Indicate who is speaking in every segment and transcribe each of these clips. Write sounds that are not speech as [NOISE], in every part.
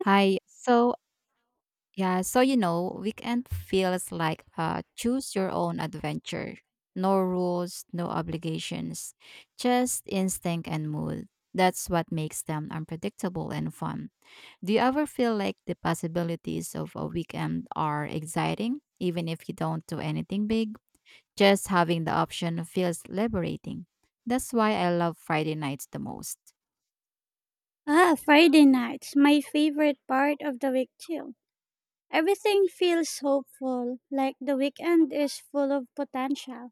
Speaker 1: Hi. So weekend feels like choose your own adventure. No rules, no obligations, just instinct and mood. That's what makes them unpredictable and fun. Do you ever feel like the possibilities of a weekend are exciting, even if you don't do anything big? Just having the option feels liberating. That's why I love Friday nights the most.
Speaker 2: Ah, Friday nights, my favorite part of the week too. Everything feels hopeful, like the weekend is full of potential.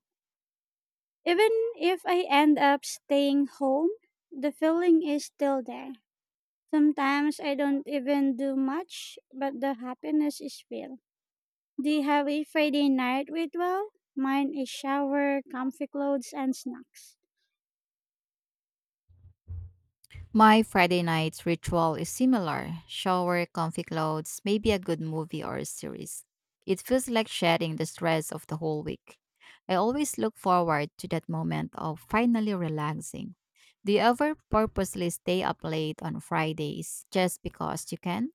Speaker 2: Even if I end up staying home, the feeling is still there. Sometimes I don't even do much, but the happiness is real. Do you have a Friday night ritual? Mine is shower, comfy clothes, and snacks.
Speaker 1: My Friday night's ritual is similar. Shower, comfy clothes, maybe a good movie or a series. It feels like shedding the stress of the whole week. I always look forward to that moment of finally relaxing. Do you ever purposely stay up late on Fridays just because you can?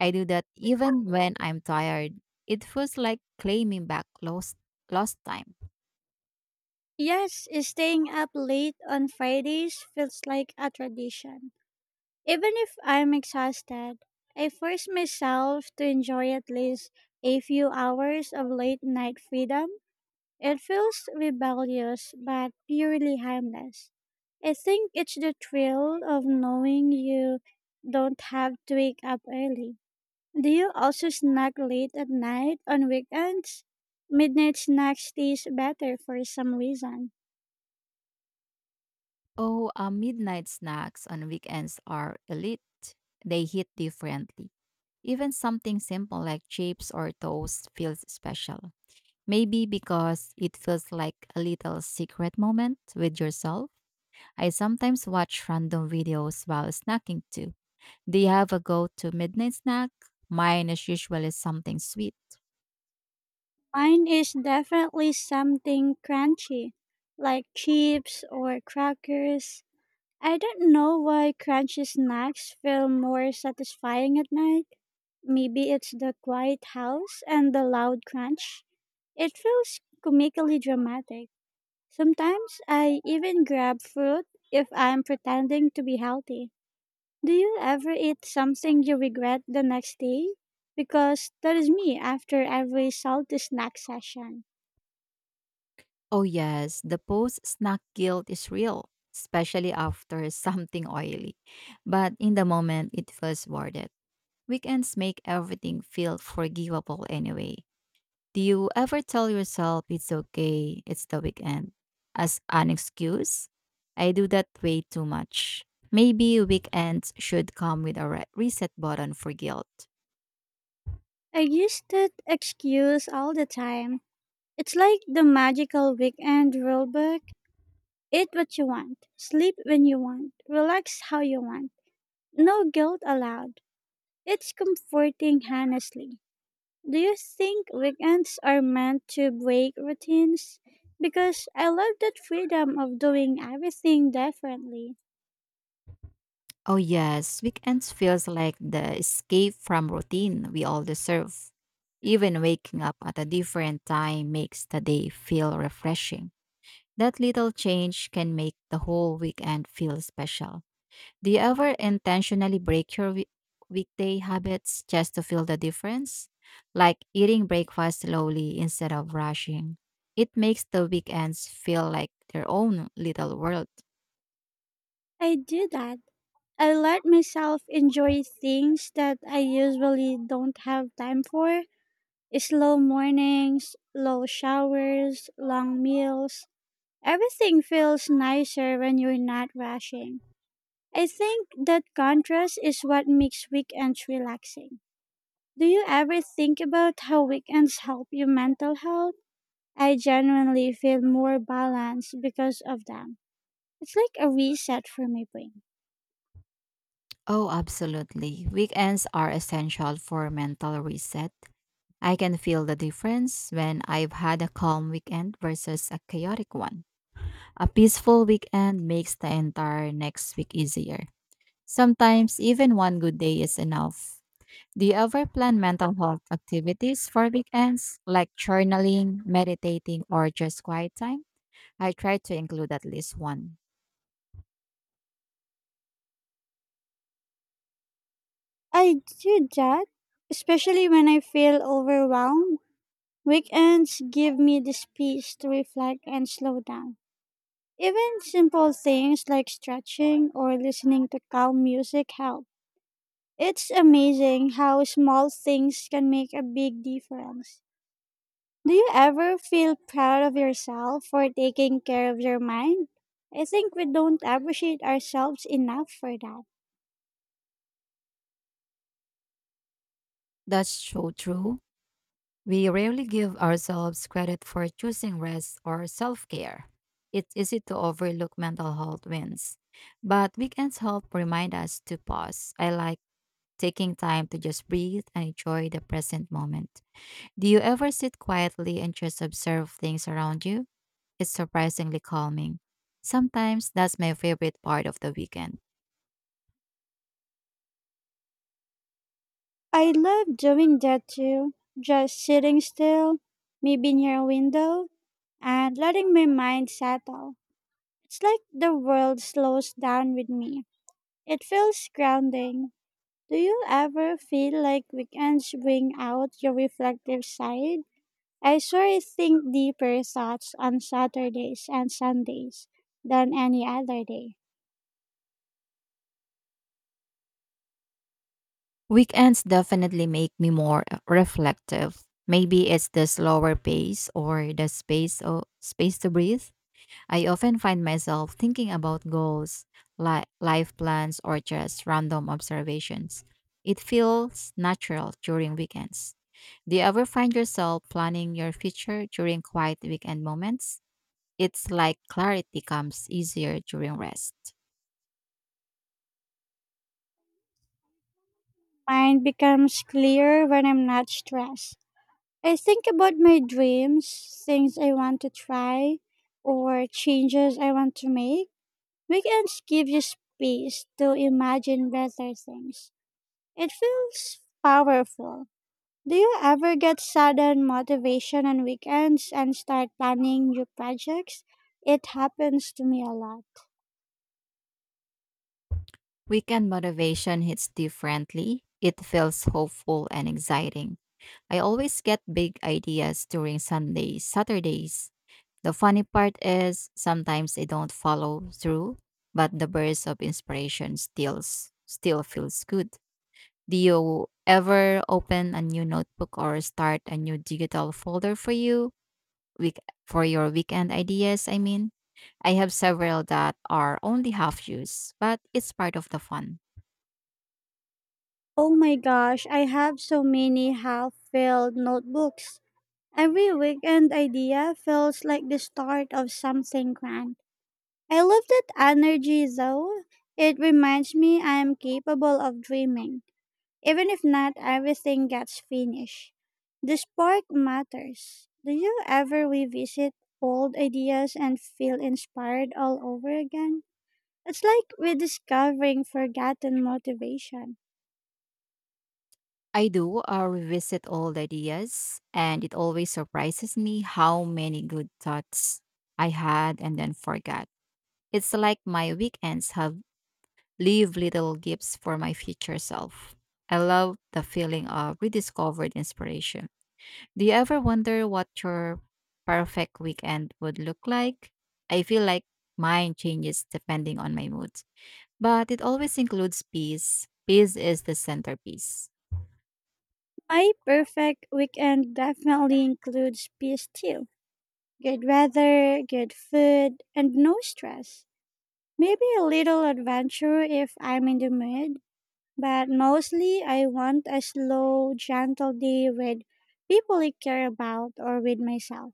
Speaker 1: I do that even when I'm tired. It feels like claiming back lost time.
Speaker 2: Yes, staying up late on Fridays feels like a tradition. Even if I'm exhausted, I force myself to enjoy at least a few hours of late night freedom. It feels rebellious but purely harmless. I think it's the thrill of knowing you don't have to wake up early. Do you also snack late at night on weekends? Midnight snacks taste better for some reason.
Speaker 1: Oh, midnight snacks on weekends are elite. They hit differently. Even something simple like chips or toast feels special. Maybe because it feels like a little secret moment with yourself. I sometimes watch random videos while snacking too. Do you have a go to midnight snack? Mine is usually something sweet.
Speaker 2: Mine is definitely something crunchy, like chips or crackers. I don't know why crunchy snacks feel more satisfying at night. Maybe it's the quiet house and the loud crunch. It feels comically dramatic. Sometimes I even grab fruit if I'm pretending to be healthy. Do you ever eat something you regret the next day? Because that is me after every salty snack session.
Speaker 1: Oh, yes, the post snack guilt is real, especially after [LAUGHS] something oily. But in the moment, it feels worth it. Weekends make everything feel forgivable anyway. Do you ever tell yourself it's okay, it's the weekend as an excuse? I do that way too much. Maybe weekends should come with a reset button for guilt.
Speaker 2: I used that excuse all the time. It's like the magical weekend rule book. Eat what you want, sleep when you want, relax how you want. No guilt allowed. It's comforting, honestly. Do you think weekends are meant to break routines? Because I love that freedom of doing everything differently.
Speaker 1: Oh yes, weekends feels like the escape from routine we all deserve. Even waking up at a different time makes the day feel refreshing. That little change can make the whole weekend feel special. Do you ever intentionally break your weekday habits just to feel the difference? Like eating breakfast slowly instead of rushing. It makes the weekends feel like their own little world.
Speaker 2: I do that. I let myself enjoy things that I usually don't have time for. Slow mornings, low showers, long meals. Everything feels nicer when you're not rushing. I think that contrast is what makes weekends relaxing. Do you ever think about how weekends help your mental health? I genuinely feel more balanced because of them. It's like a reset for my brain.
Speaker 1: Oh, absolutely. Weekends are essential for mental reset. I can feel the difference when I've had a calm weekend versus a chaotic one. A peaceful weekend makes the entire next week easier. Sometimes even one good day is enough. Do you ever plan mental health activities for weekends, like journaling, meditating, or just quiet time? I try to include at least one.
Speaker 2: I do that, especially when I feel overwhelmed. Weekends give me the space to reflect and slow down. Even simple things like stretching or listening to calm music help. It's amazing how small things can make a big difference. Do you ever feel proud of yourself for taking care of your mind? I think we don't appreciate ourselves enough for that.
Speaker 1: That's so true. We rarely give ourselves credit for choosing rest or self care. It's easy to overlook mental health wins, but weekends help remind us to pause. I like taking time to just breathe and enjoy the present moment. Do you ever sit quietly and just observe things around you? It's surprisingly calming. Sometimes that's my favorite part of the weekend.
Speaker 2: I love doing that too. Just sitting still, maybe near a window, and letting my mind settle. It's like the world slows down with me. It feels grounding. Do you ever feel like weekends bring out your reflective side? I sure think deeper thoughts on Saturdays and Sundays than any other day.
Speaker 1: Weekends definitely make me more reflective. Maybe it's the slower pace or the space to breathe. I often find myself thinking about goals, life plans, or just random observations. It feels natural during weekends. Do you ever find yourself planning your future during quiet weekend moments? It's like clarity comes easier during rest.
Speaker 2: Mind becomes clear when I'm not stressed. I think about my dreams, things I want to try, or changes I want to make. Weekends give you space to imagine better things. It feels powerful. Do you ever get sudden motivation on weekends and start planning new projects? It happens to me a lot.
Speaker 1: Weekend motivation hits differently. It feels hopeful and exciting. I always get big ideas during Sundays, Saturdays. The funny part is sometimes I don't follow through, but the burst of inspiration still feels good. Do you ever open a new notebook or start a new digital folder for you week for your weekend ideas? I mean, I have several that are only half used, but it's part of the fun.
Speaker 2: Oh my gosh, I have so many half filled notebooks. Every weekend idea feels like the start of something grand. I love that energy though. It reminds me I am capable of dreaming, even if not everything gets finished. The spark matters. Do you ever revisit old ideas and feel inspired all over again? It's like rediscovering forgotten motivation.
Speaker 1: I do revisit old ideas, and it always surprises me how many good thoughts I had and then forgot. It's like my weekends have leave little gifts for my future self. I love the feeling of rediscovered inspiration. Do you ever wonder what your perfect weekend would look like? I feel like mine changes depending on my mood, but it always includes peace. Peace is the centerpiece.
Speaker 2: My perfect weekend definitely includes peace too. Good weather, good food, and no stress. Maybe a little adventure if I'm in the mood. But mostly, I want a slow, gentle day with people I care about or with myself.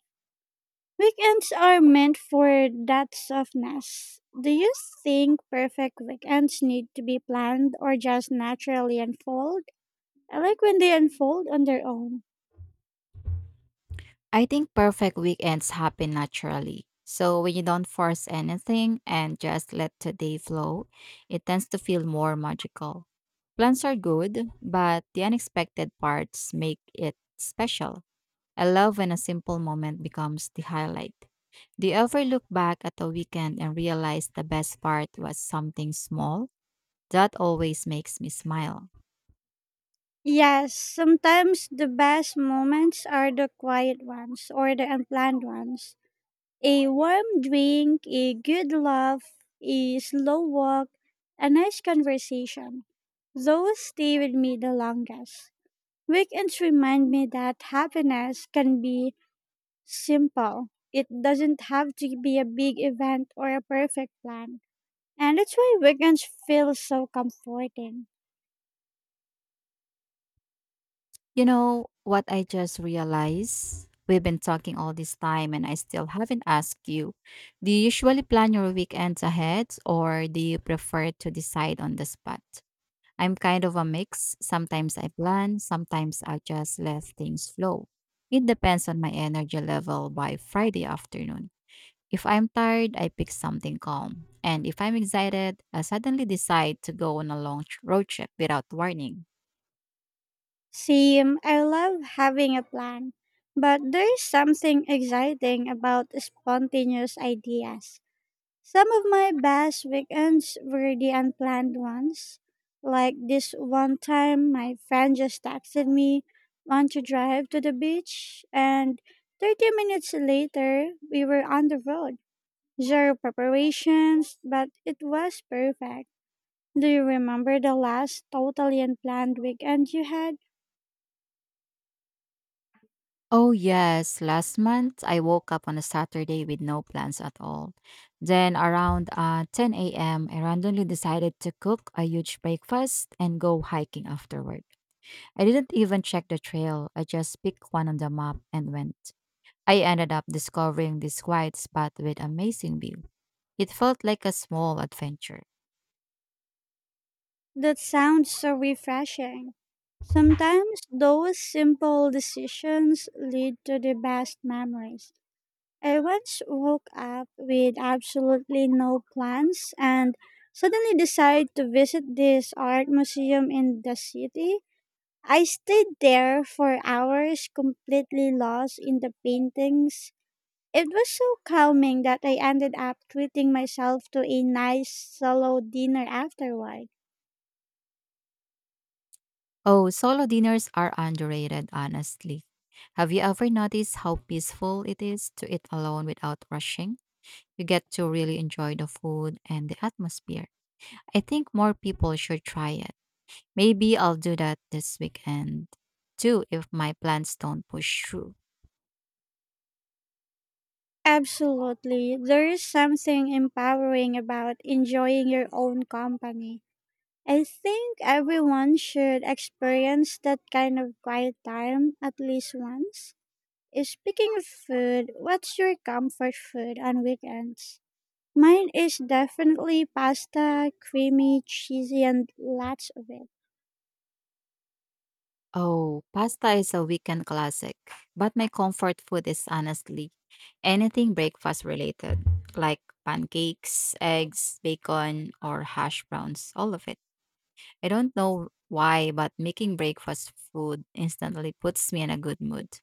Speaker 2: Weekends are meant for that softness. Do you think perfect weekends need to be planned or just naturally unfold? I like when they unfold on their own.
Speaker 1: I think perfect weekends happen naturally. So when you don't force anything and just let today flow, it tends to feel more magical. Plans are good, but the unexpected parts make it special. I love when a simple moment becomes the highlight. Do you ever look back at a weekend and realize the best part was something small? That always makes me smile.
Speaker 2: Yes, sometimes the best moments are the quiet ones or the unplanned ones. A warm drink, a good laugh, a slow walk, a nice conversation. Those stay with me the longest. Weekends remind me that happiness can be simple. It doesn't have to be a big event or a perfect plan. And that's why weekends feel so comforting.
Speaker 1: You know what I just realized? We've been talking all this time and I still haven't asked you. Do you usually plan your weekends ahead or do you prefer to decide on the spot? I'm kind of a mix. Sometimes I plan, sometimes I just let things flow. It depends on my energy level by Friday afternoon. If I'm tired, I pick something calm. And if I'm excited, I suddenly decide to go on a long road trip without warning.
Speaker 2: Same, I love having a plan, but there is something exciting about spontaneous ideas. Some of my best weekends were the unplanned ones. Like this one time, my friend just texted me, "Want to drive to the beach?" And 30 minutes later, we were on the road. Zero preparations, but it was perfect. Do you remember the last totally unplanned weekend you had?
Speaker 1: Oh, yes. Last month, I woke up on a Saturday with no plans at all. Then, around 10 a.m., I randomly decided to cook a huge breakfast and go hiking afterward. I didn't even check the trail, I just picked one on the map and went. I ended up discovering this quiet spot with amazing view. It felt like a small adventure.
Speaker 2: That sounds so refreshing. Sometimes those simple decisions lead to the best memories. I once woke up with absolutely no plans and suddenly decided to visit this art museum in the city. I stayed there for hours, completely lost in the paintings. It was so calming that I ended up treating myself to a nice solo dinner afterward.
Speaker 1: Oh, solo dinners are underrated, honestly. Have you ever noticed how peaceful it is to eat alone without rushing? You get to really enjoy the food and the atmosphere. I think more people should try it. Maybe I'll do that this weekend too if my plans don't push through.
Speaker 2: Absolutely, there is something empowering about enjoying your own company. I think everyone should experience that kind of quiet time at least once. Speaking of food, what's your comfort food on weekends? Mine is definitely pasta, creamy, cheesy, and lots of it.
Speaker 1: Oh, pasta is a weekend classic, but my comfort food is honestly anything breakfast related, like pancakes, eggs, bacon, or hash browns, all of it. I don't know why, but making breakfast food instantly puts me in a good mood.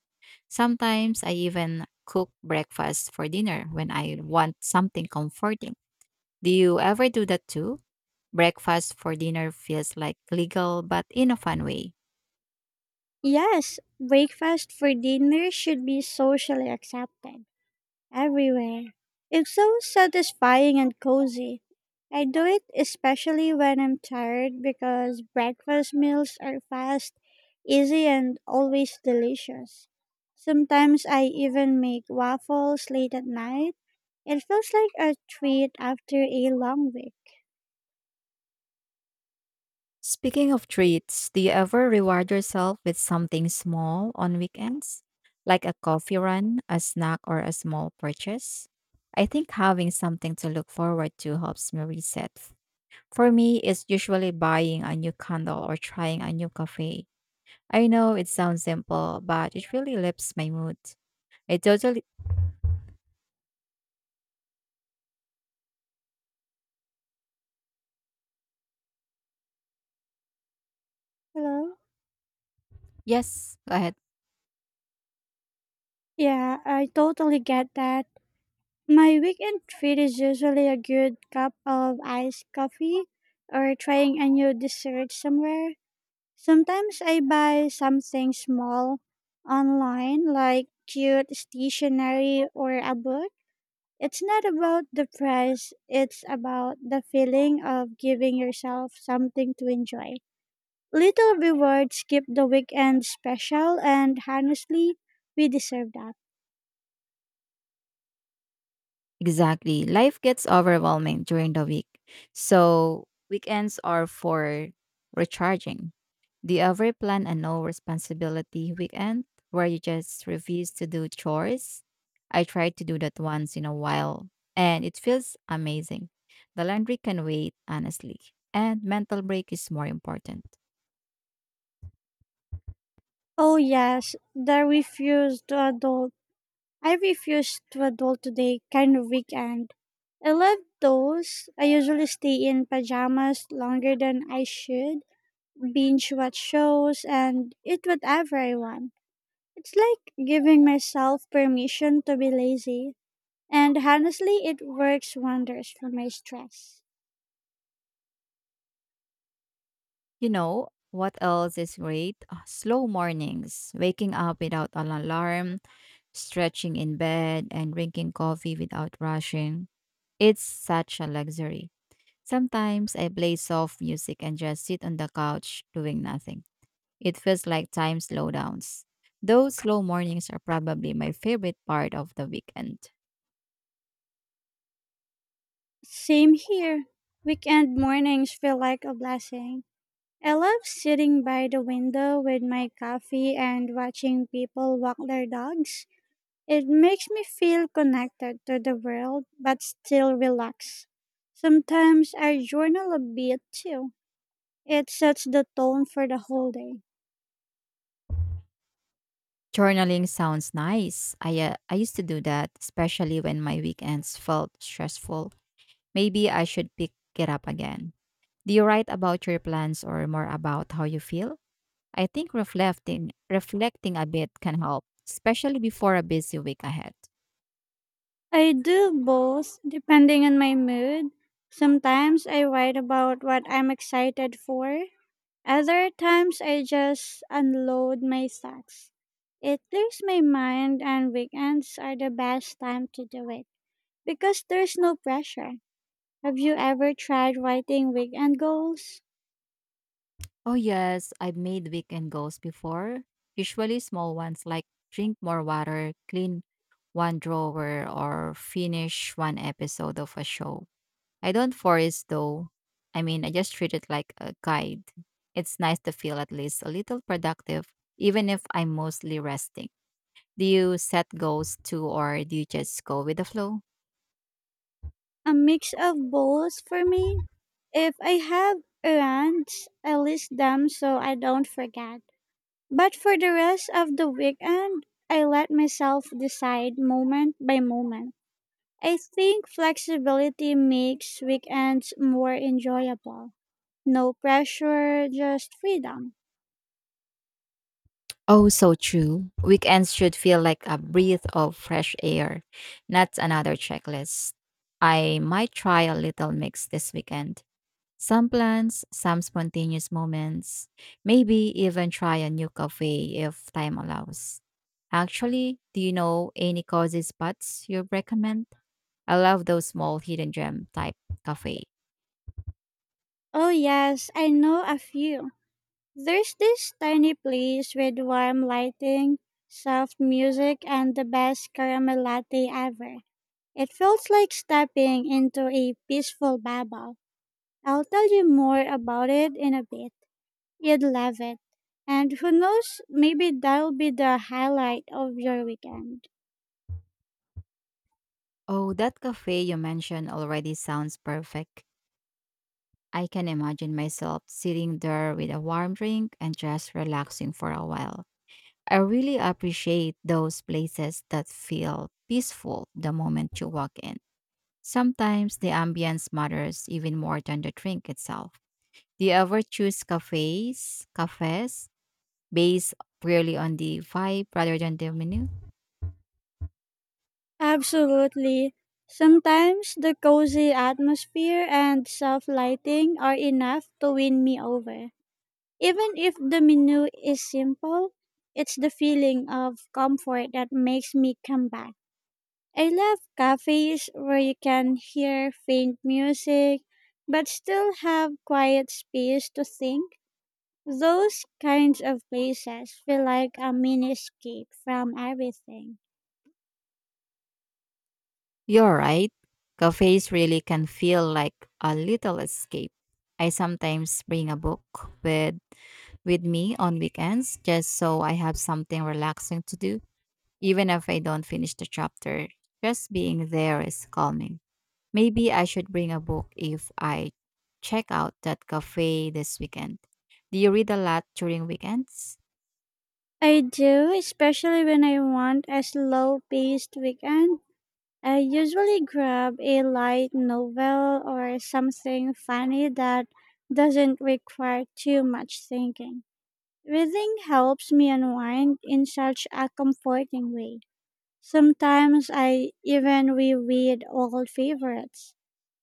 Speaker 1: Sometimes I even cook breakfast for dinner when I want something comforting. Do you ever do that too? Breakfast for dinner feels like legal, but in a fun way.
Speaker 2: Yes, breakfast for dinner should be socially accepted. Everywhere. It's so satisfying and cozy. I do it especially when I'm tired because breakfast meals are fast, easy, and always delicious. Sometimes I even make waffles late at night. It feels like a treat after a long week.
Speaker 1: Speaking of treats, do you ever reward yourself with something small on weekends? Like a coffee run, a snack, or a small purchase? I think having something to look forward to helps me reset. For me, it's usually buying a new candle or trying a new cafe. I know it sounds simple, but it really lifts my mood. It totally.
Speaker 2: Hello?
Speaker 1: Yes, go ahead.
Speaker 2: Yeah, I totally get that. My weekend treat is usually a good cup of iced coffee or trying a new dessert somewhere. Sometimes I buy something small online, like cute stationery or a book. It's not about the price, it's about the feeling of giving yourself something to enjoy. Little rewards keep the weekend special, and honestly, we deserve that.
Speaker 1: Exactly. Life gets overwhelming during the week. So weekends are for recharging. Do you ever plan a no responsibility weekend where you just refuse to do chores? I tried to do that once in a while and it feels amazing. The laundry can wait, honestly, and mental break is more important.
Speaker 2: Oh, yes, the refuse to adult. I refuse to adult today kind of weekend. I love those. I usually stay in pajamas longer than I should, binge watch shows, and eat whatever I want. It's like giving myself permission to be lazy. And honestly, it works wonders for my stress.
Speaker 1: You know, what else is great? Slow mornings, waking up without an alarm, stretching in bed, and drinking coffee without rushing. It's such a luxury. Sometimes I play soft music and just sit on the couch doing nothing. It feels like time slowdowns. Those slow mornings are probably my favorite part of the weekend.
Speaker 2: Same here. Weekend mornings feel like a blessing. I love sitting by the window with my coffee and watching people walk their dogs. It makes me feel connected to the world but still relaxed. Sometimes I journal a bit too. It sets the tone for the whole day.
Speaker 1: Journaling sounds nice. I used to do that, especially when my weekends felt stressful. Maybe I should pick it up again. Do you write about your plans or more about how you feel? I think reflecting a bit can help, especially before a busy week ahead.
Speaker 2: I do both depending on my mood. Sometimes I write about what I'm excited for. Other times I just unload my thoughts. It clears my mind and weekends are the best time to do it because there's no pressure. Have you ever tried writing weekend goals?
Speaker 1: Oh yes, I've made weekend goals before. Usually small ones like drink more water, clean one drawer or finish one episode of a show. I don't force though. I mean, I just treat it like a guide. It's nice to feel at least a little productive, even if I'm mostly resting. Do you set goals too, or do you just go with the flow?
Speaker 2: A mix of both for me. If I have errands, I list them so I don't forget. But for the rest of the weekend, I let myself decide moment by moment. I think flexibility makes weekends more enjoyable. No pressure, just freedom.
Speaker 1: Oh, so true. Weekends should feel like a breath of fresh air, not another checklist. I might try a little mix this weekend. Some plans, some spontaneous moments, maybe even try a new cafe if time allows. Actually, do you know any cozy spots you recommend? I love those small hidden gem type cafe.
Speaker 2: Oh, yes, I know a few. There's this tiny place with warm lighting, soft music, and the best caramel latte ever. It feels like stepping into a peaceful bubble. I'll tell you more about it in a bit. You'd love it. And who knows, maybe that'll be the highlight of your weekend.
Speaker 1: Oh, that cafe you mentioned already sounds perfect. I can imagine myself sitting there with a warm drink and just relaxing for a while. I really appreciate those places that feel peaceful the moment you walk in. Sometimes the ambience matters even more than the drink itself. Do you ever choose cafes based purely on the vibe rather than the menu?
Speaker 2: Absolutely. Sometimes the cozy atmosphere and soft lighting are enough to win me over. Even if the menu is simple, it's the feeling of comfort that makes me come back. I love cafes where you can hear faint music but still have quiet space to think. Those kinds of places feel like a mini escape from everything.
Speaker 1: You're right. Cafes really can feel like a little escape. I sometimes bring a book with with me on weekends just so I have something relaxing to do, even if I don't finish the chapter. Just being there is calming. Maybe I should bring a book if I check out that cafe this weekend. Do you read a lot during weekends?
Speaker 2: I do, especially when I want a slow paced weekend. I usually grab a light novel or something funny that doesn't require too much thinking. Reading helps me unwind in such a comforting way. Sometimes I even reread old favorites.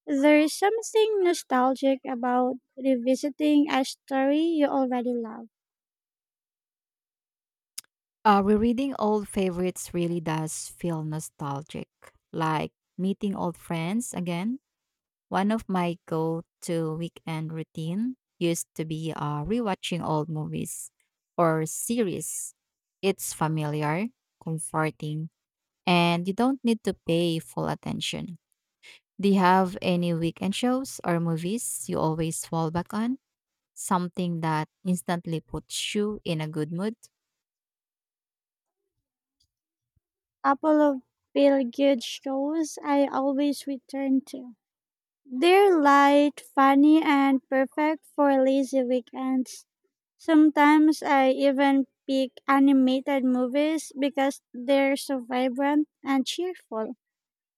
Speaker 2: There is something nostalgic about revisiting a story you already love.
Speaker 1: Rereading old favorites really does feel nostalgic, like meeting old friends again. One of my go-to weekend routine used to be rewatching old movies or series. It's familiar, comforting, and you don't need to pay full attention. Do you have any weekend shows or movies you always fall back on? Something that instantly puts you in a good mood?
Speaker 2: Couple of feel good shows I always return to. They're light, funny, and perfect for lazy weekends. Sometimes I even pick animated movies because they're so vibrant and cheerful.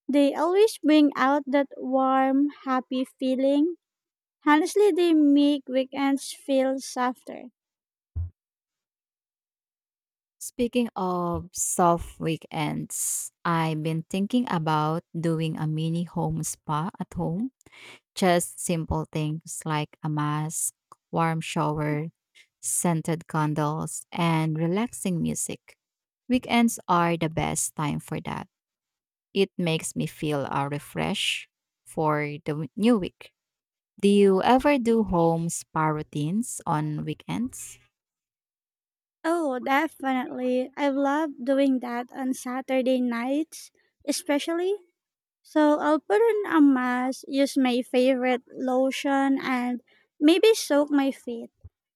Speaker 2: They always bring out that warm, happy feeling. Honestly, they make weekends feel softer.
Speaker 1: Speaking of soft weekends, I've been thinking about doing a mini home spa at home. Just simple things like a mask, warm shower, scented candles, and relaxing music. Weekends are the best time for that. It makes me feel refreshed for the new week. Do you ever do home spa routines on weekends?
Speaker 2: Oh, definitely. I love doing that on Saturday nights, especially. So I'll put on a mask, use my favorite lotion, and maybe soak my feet.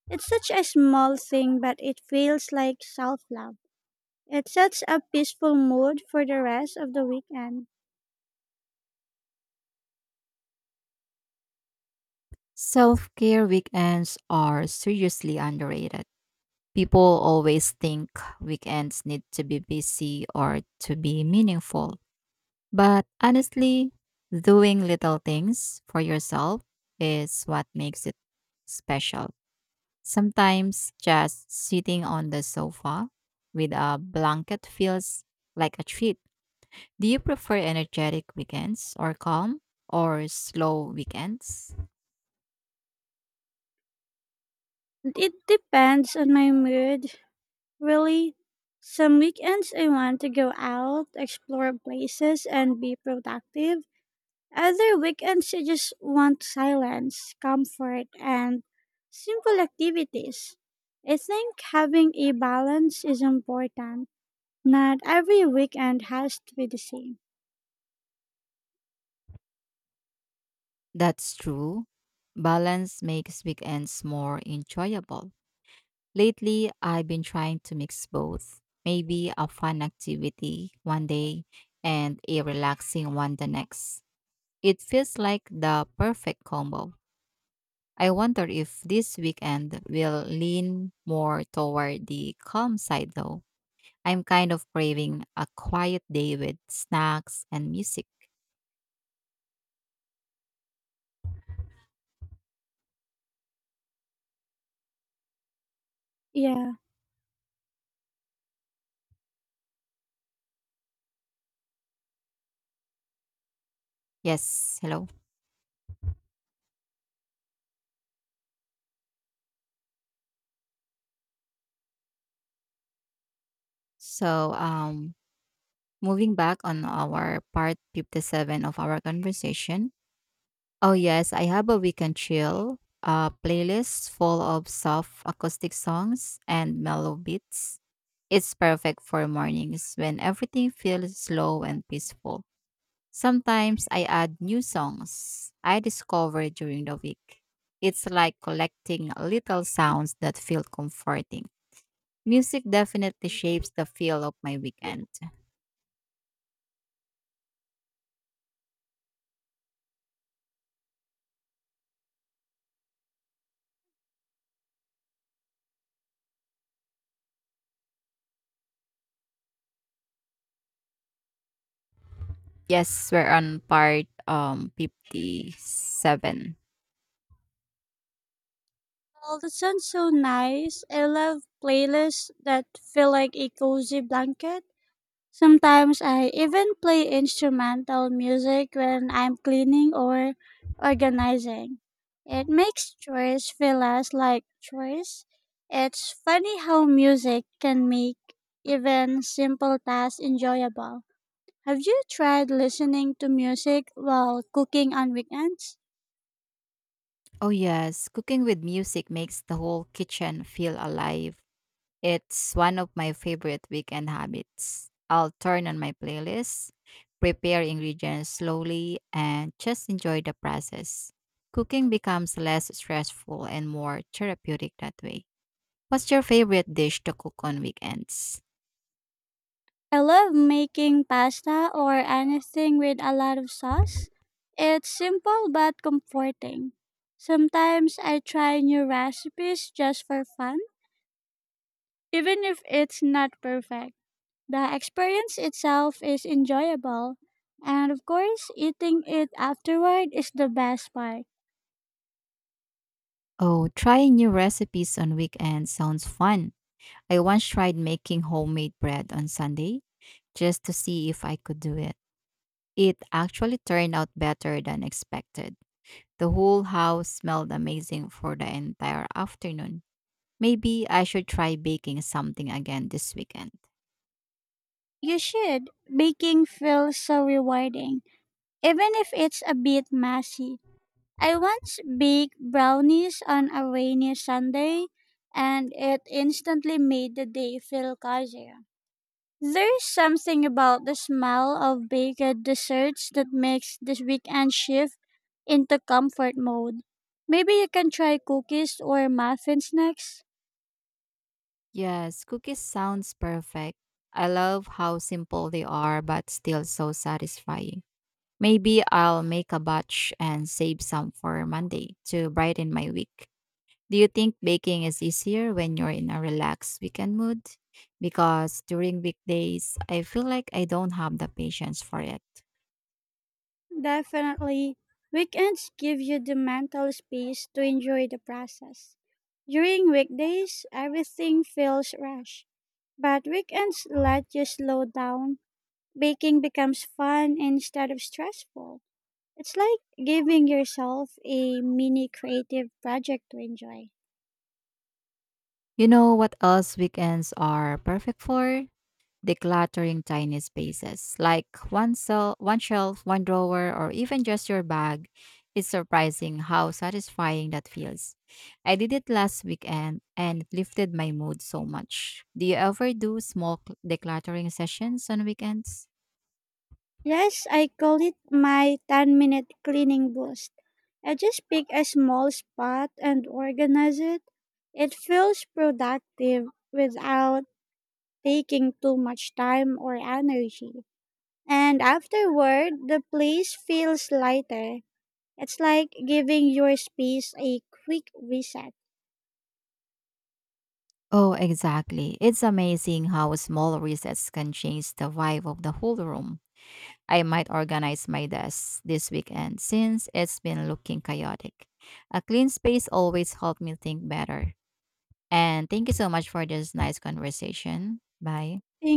Speaker 2: It's such a small thing, but it feels like self love. It sets a peaceful mood for the rest of the weekend.
Speaker 1: Self care weekends are seriously underrated. People always think weekends need to be busy or to be meaningful, but honestly, doing little things for yourself is what makes it special. Sometimes just sitting on the sofa with a blanket feels like a treat. Do you prefer energetic weekends or calm or slow weekends?
Speaker 2: It depends on my mood. Really, some weekends I want to go out, explore places, and be productive. Other weekends I just want silence, comfort, and simple activities. I think having a balance is important. Not every weekend has to be the same.
Speaker 1: That's true. Balance makes weekends more enjoyable. Lately, I've been trying to mix both. Maybe a fun activity one day and a relaxing one the next. It feels like the perfect combo. I wonder if this weekend will lean more toward the calm side though. I'm kind of craving a quiet day with snacks and music.
Speaker 2: Yeah.
Speaker 1: Yes, hello. So, moving back on our part 57 of our conversation, oh yes, I have a weekend chill playlist full of soft acoustic songs and mellow beats. It's perfect for mornings when everything feels slow and peaceful. Sometimes I add new songs I discover during the week. It's like collecting little sounds that feel comforting. Music definitely shapes the feel of my weekend. Yes, we're on part 57.
Speaker 2: Well, that sounds so nice. I love playlists that feel like a cozy blanket. Sometimes I even play instrumental music when I'm cleaning or organizing. It makes chores feel less like chores. It's funny how music can make even simple tasks enjoyable. Have you tried listening to music while cooking on weekends?
Speaker 1: Oh, yes. Cooking with music makes the whole kitchen feel alive. It's one of my favorite weekend habits. I'll turn on my playlist, prepare ingredients slowly, and just enjoy the process. Cooking becomes less stressful and more therapeutic that way. What's your favorite dish to cook on weekends?
Speaker 2: I love making pasta or anything with a lot of sauce. It's simple but comforting. Sometimes I try new recipes just for fun, even if it's not perfect. The experience itself is enjoyable, and of course, eating it afterward is the best part.
Speaker 1: Oh, trying new recipes on weekends sounds fun. I once tried making homemade bread on Sunday just to see if I could do it. It actually turned out better than expected. The whole house smelled amazing for the entire afternoon. Maybe I should try baking something again this weekend.
Speaker 2: You should. Baking feels so rewarding, even if it's a bit messy. I once baked brownies on a rainy Sunday, and it instantly made the day feel cozier. There's something about the smell of baked desserts that makes this weekend shift into comfort mode. Maybe you can try cookies or muffins next.
Speaker 1: Yes, cookies sounds perfect. I love how simple they are but still so satisfying. Maybe I'll make a batch and save some for Monday to brighten my week. Do you think baking is easier when you're in a relaxed weekend mood? Because during weekdays, I feel like I don't have the patience for it.
Speaker 2: Definitely. Weekends give you the mental space to enjoy the process. During weekdays, everything feels rushed. But weekends let you slow down. Baking becomes fun instead of stressful. It's like giving yourself a mini creative project to enjoy.
Speaker 1: You know what else weekends are perfect for? Decluttering tiny spaces, like one cell, one shelf, one drawer, or even just your bag. It's surprising how satisfying that feels. I did it last weekend and it lifted my mood so much. Do you ever do small decluttering sessions on weekends?
Speaker 2: Yes, I call it my 10-minute cleaning boost. I just pick a small spot and organize it. It feels productive without taking too much time or energy. And afterward, the place feels lighter. It's like giving your space a quick reset.
Speaker 1: Oh, exactly. It's amazing how small resets can change the vibe of the whole room. I might organize my desk this weekend since it's been looking chaotic. A clean space always helps me think better. And thank you so much for this nice conversation. Bye.
Speaker 2: Think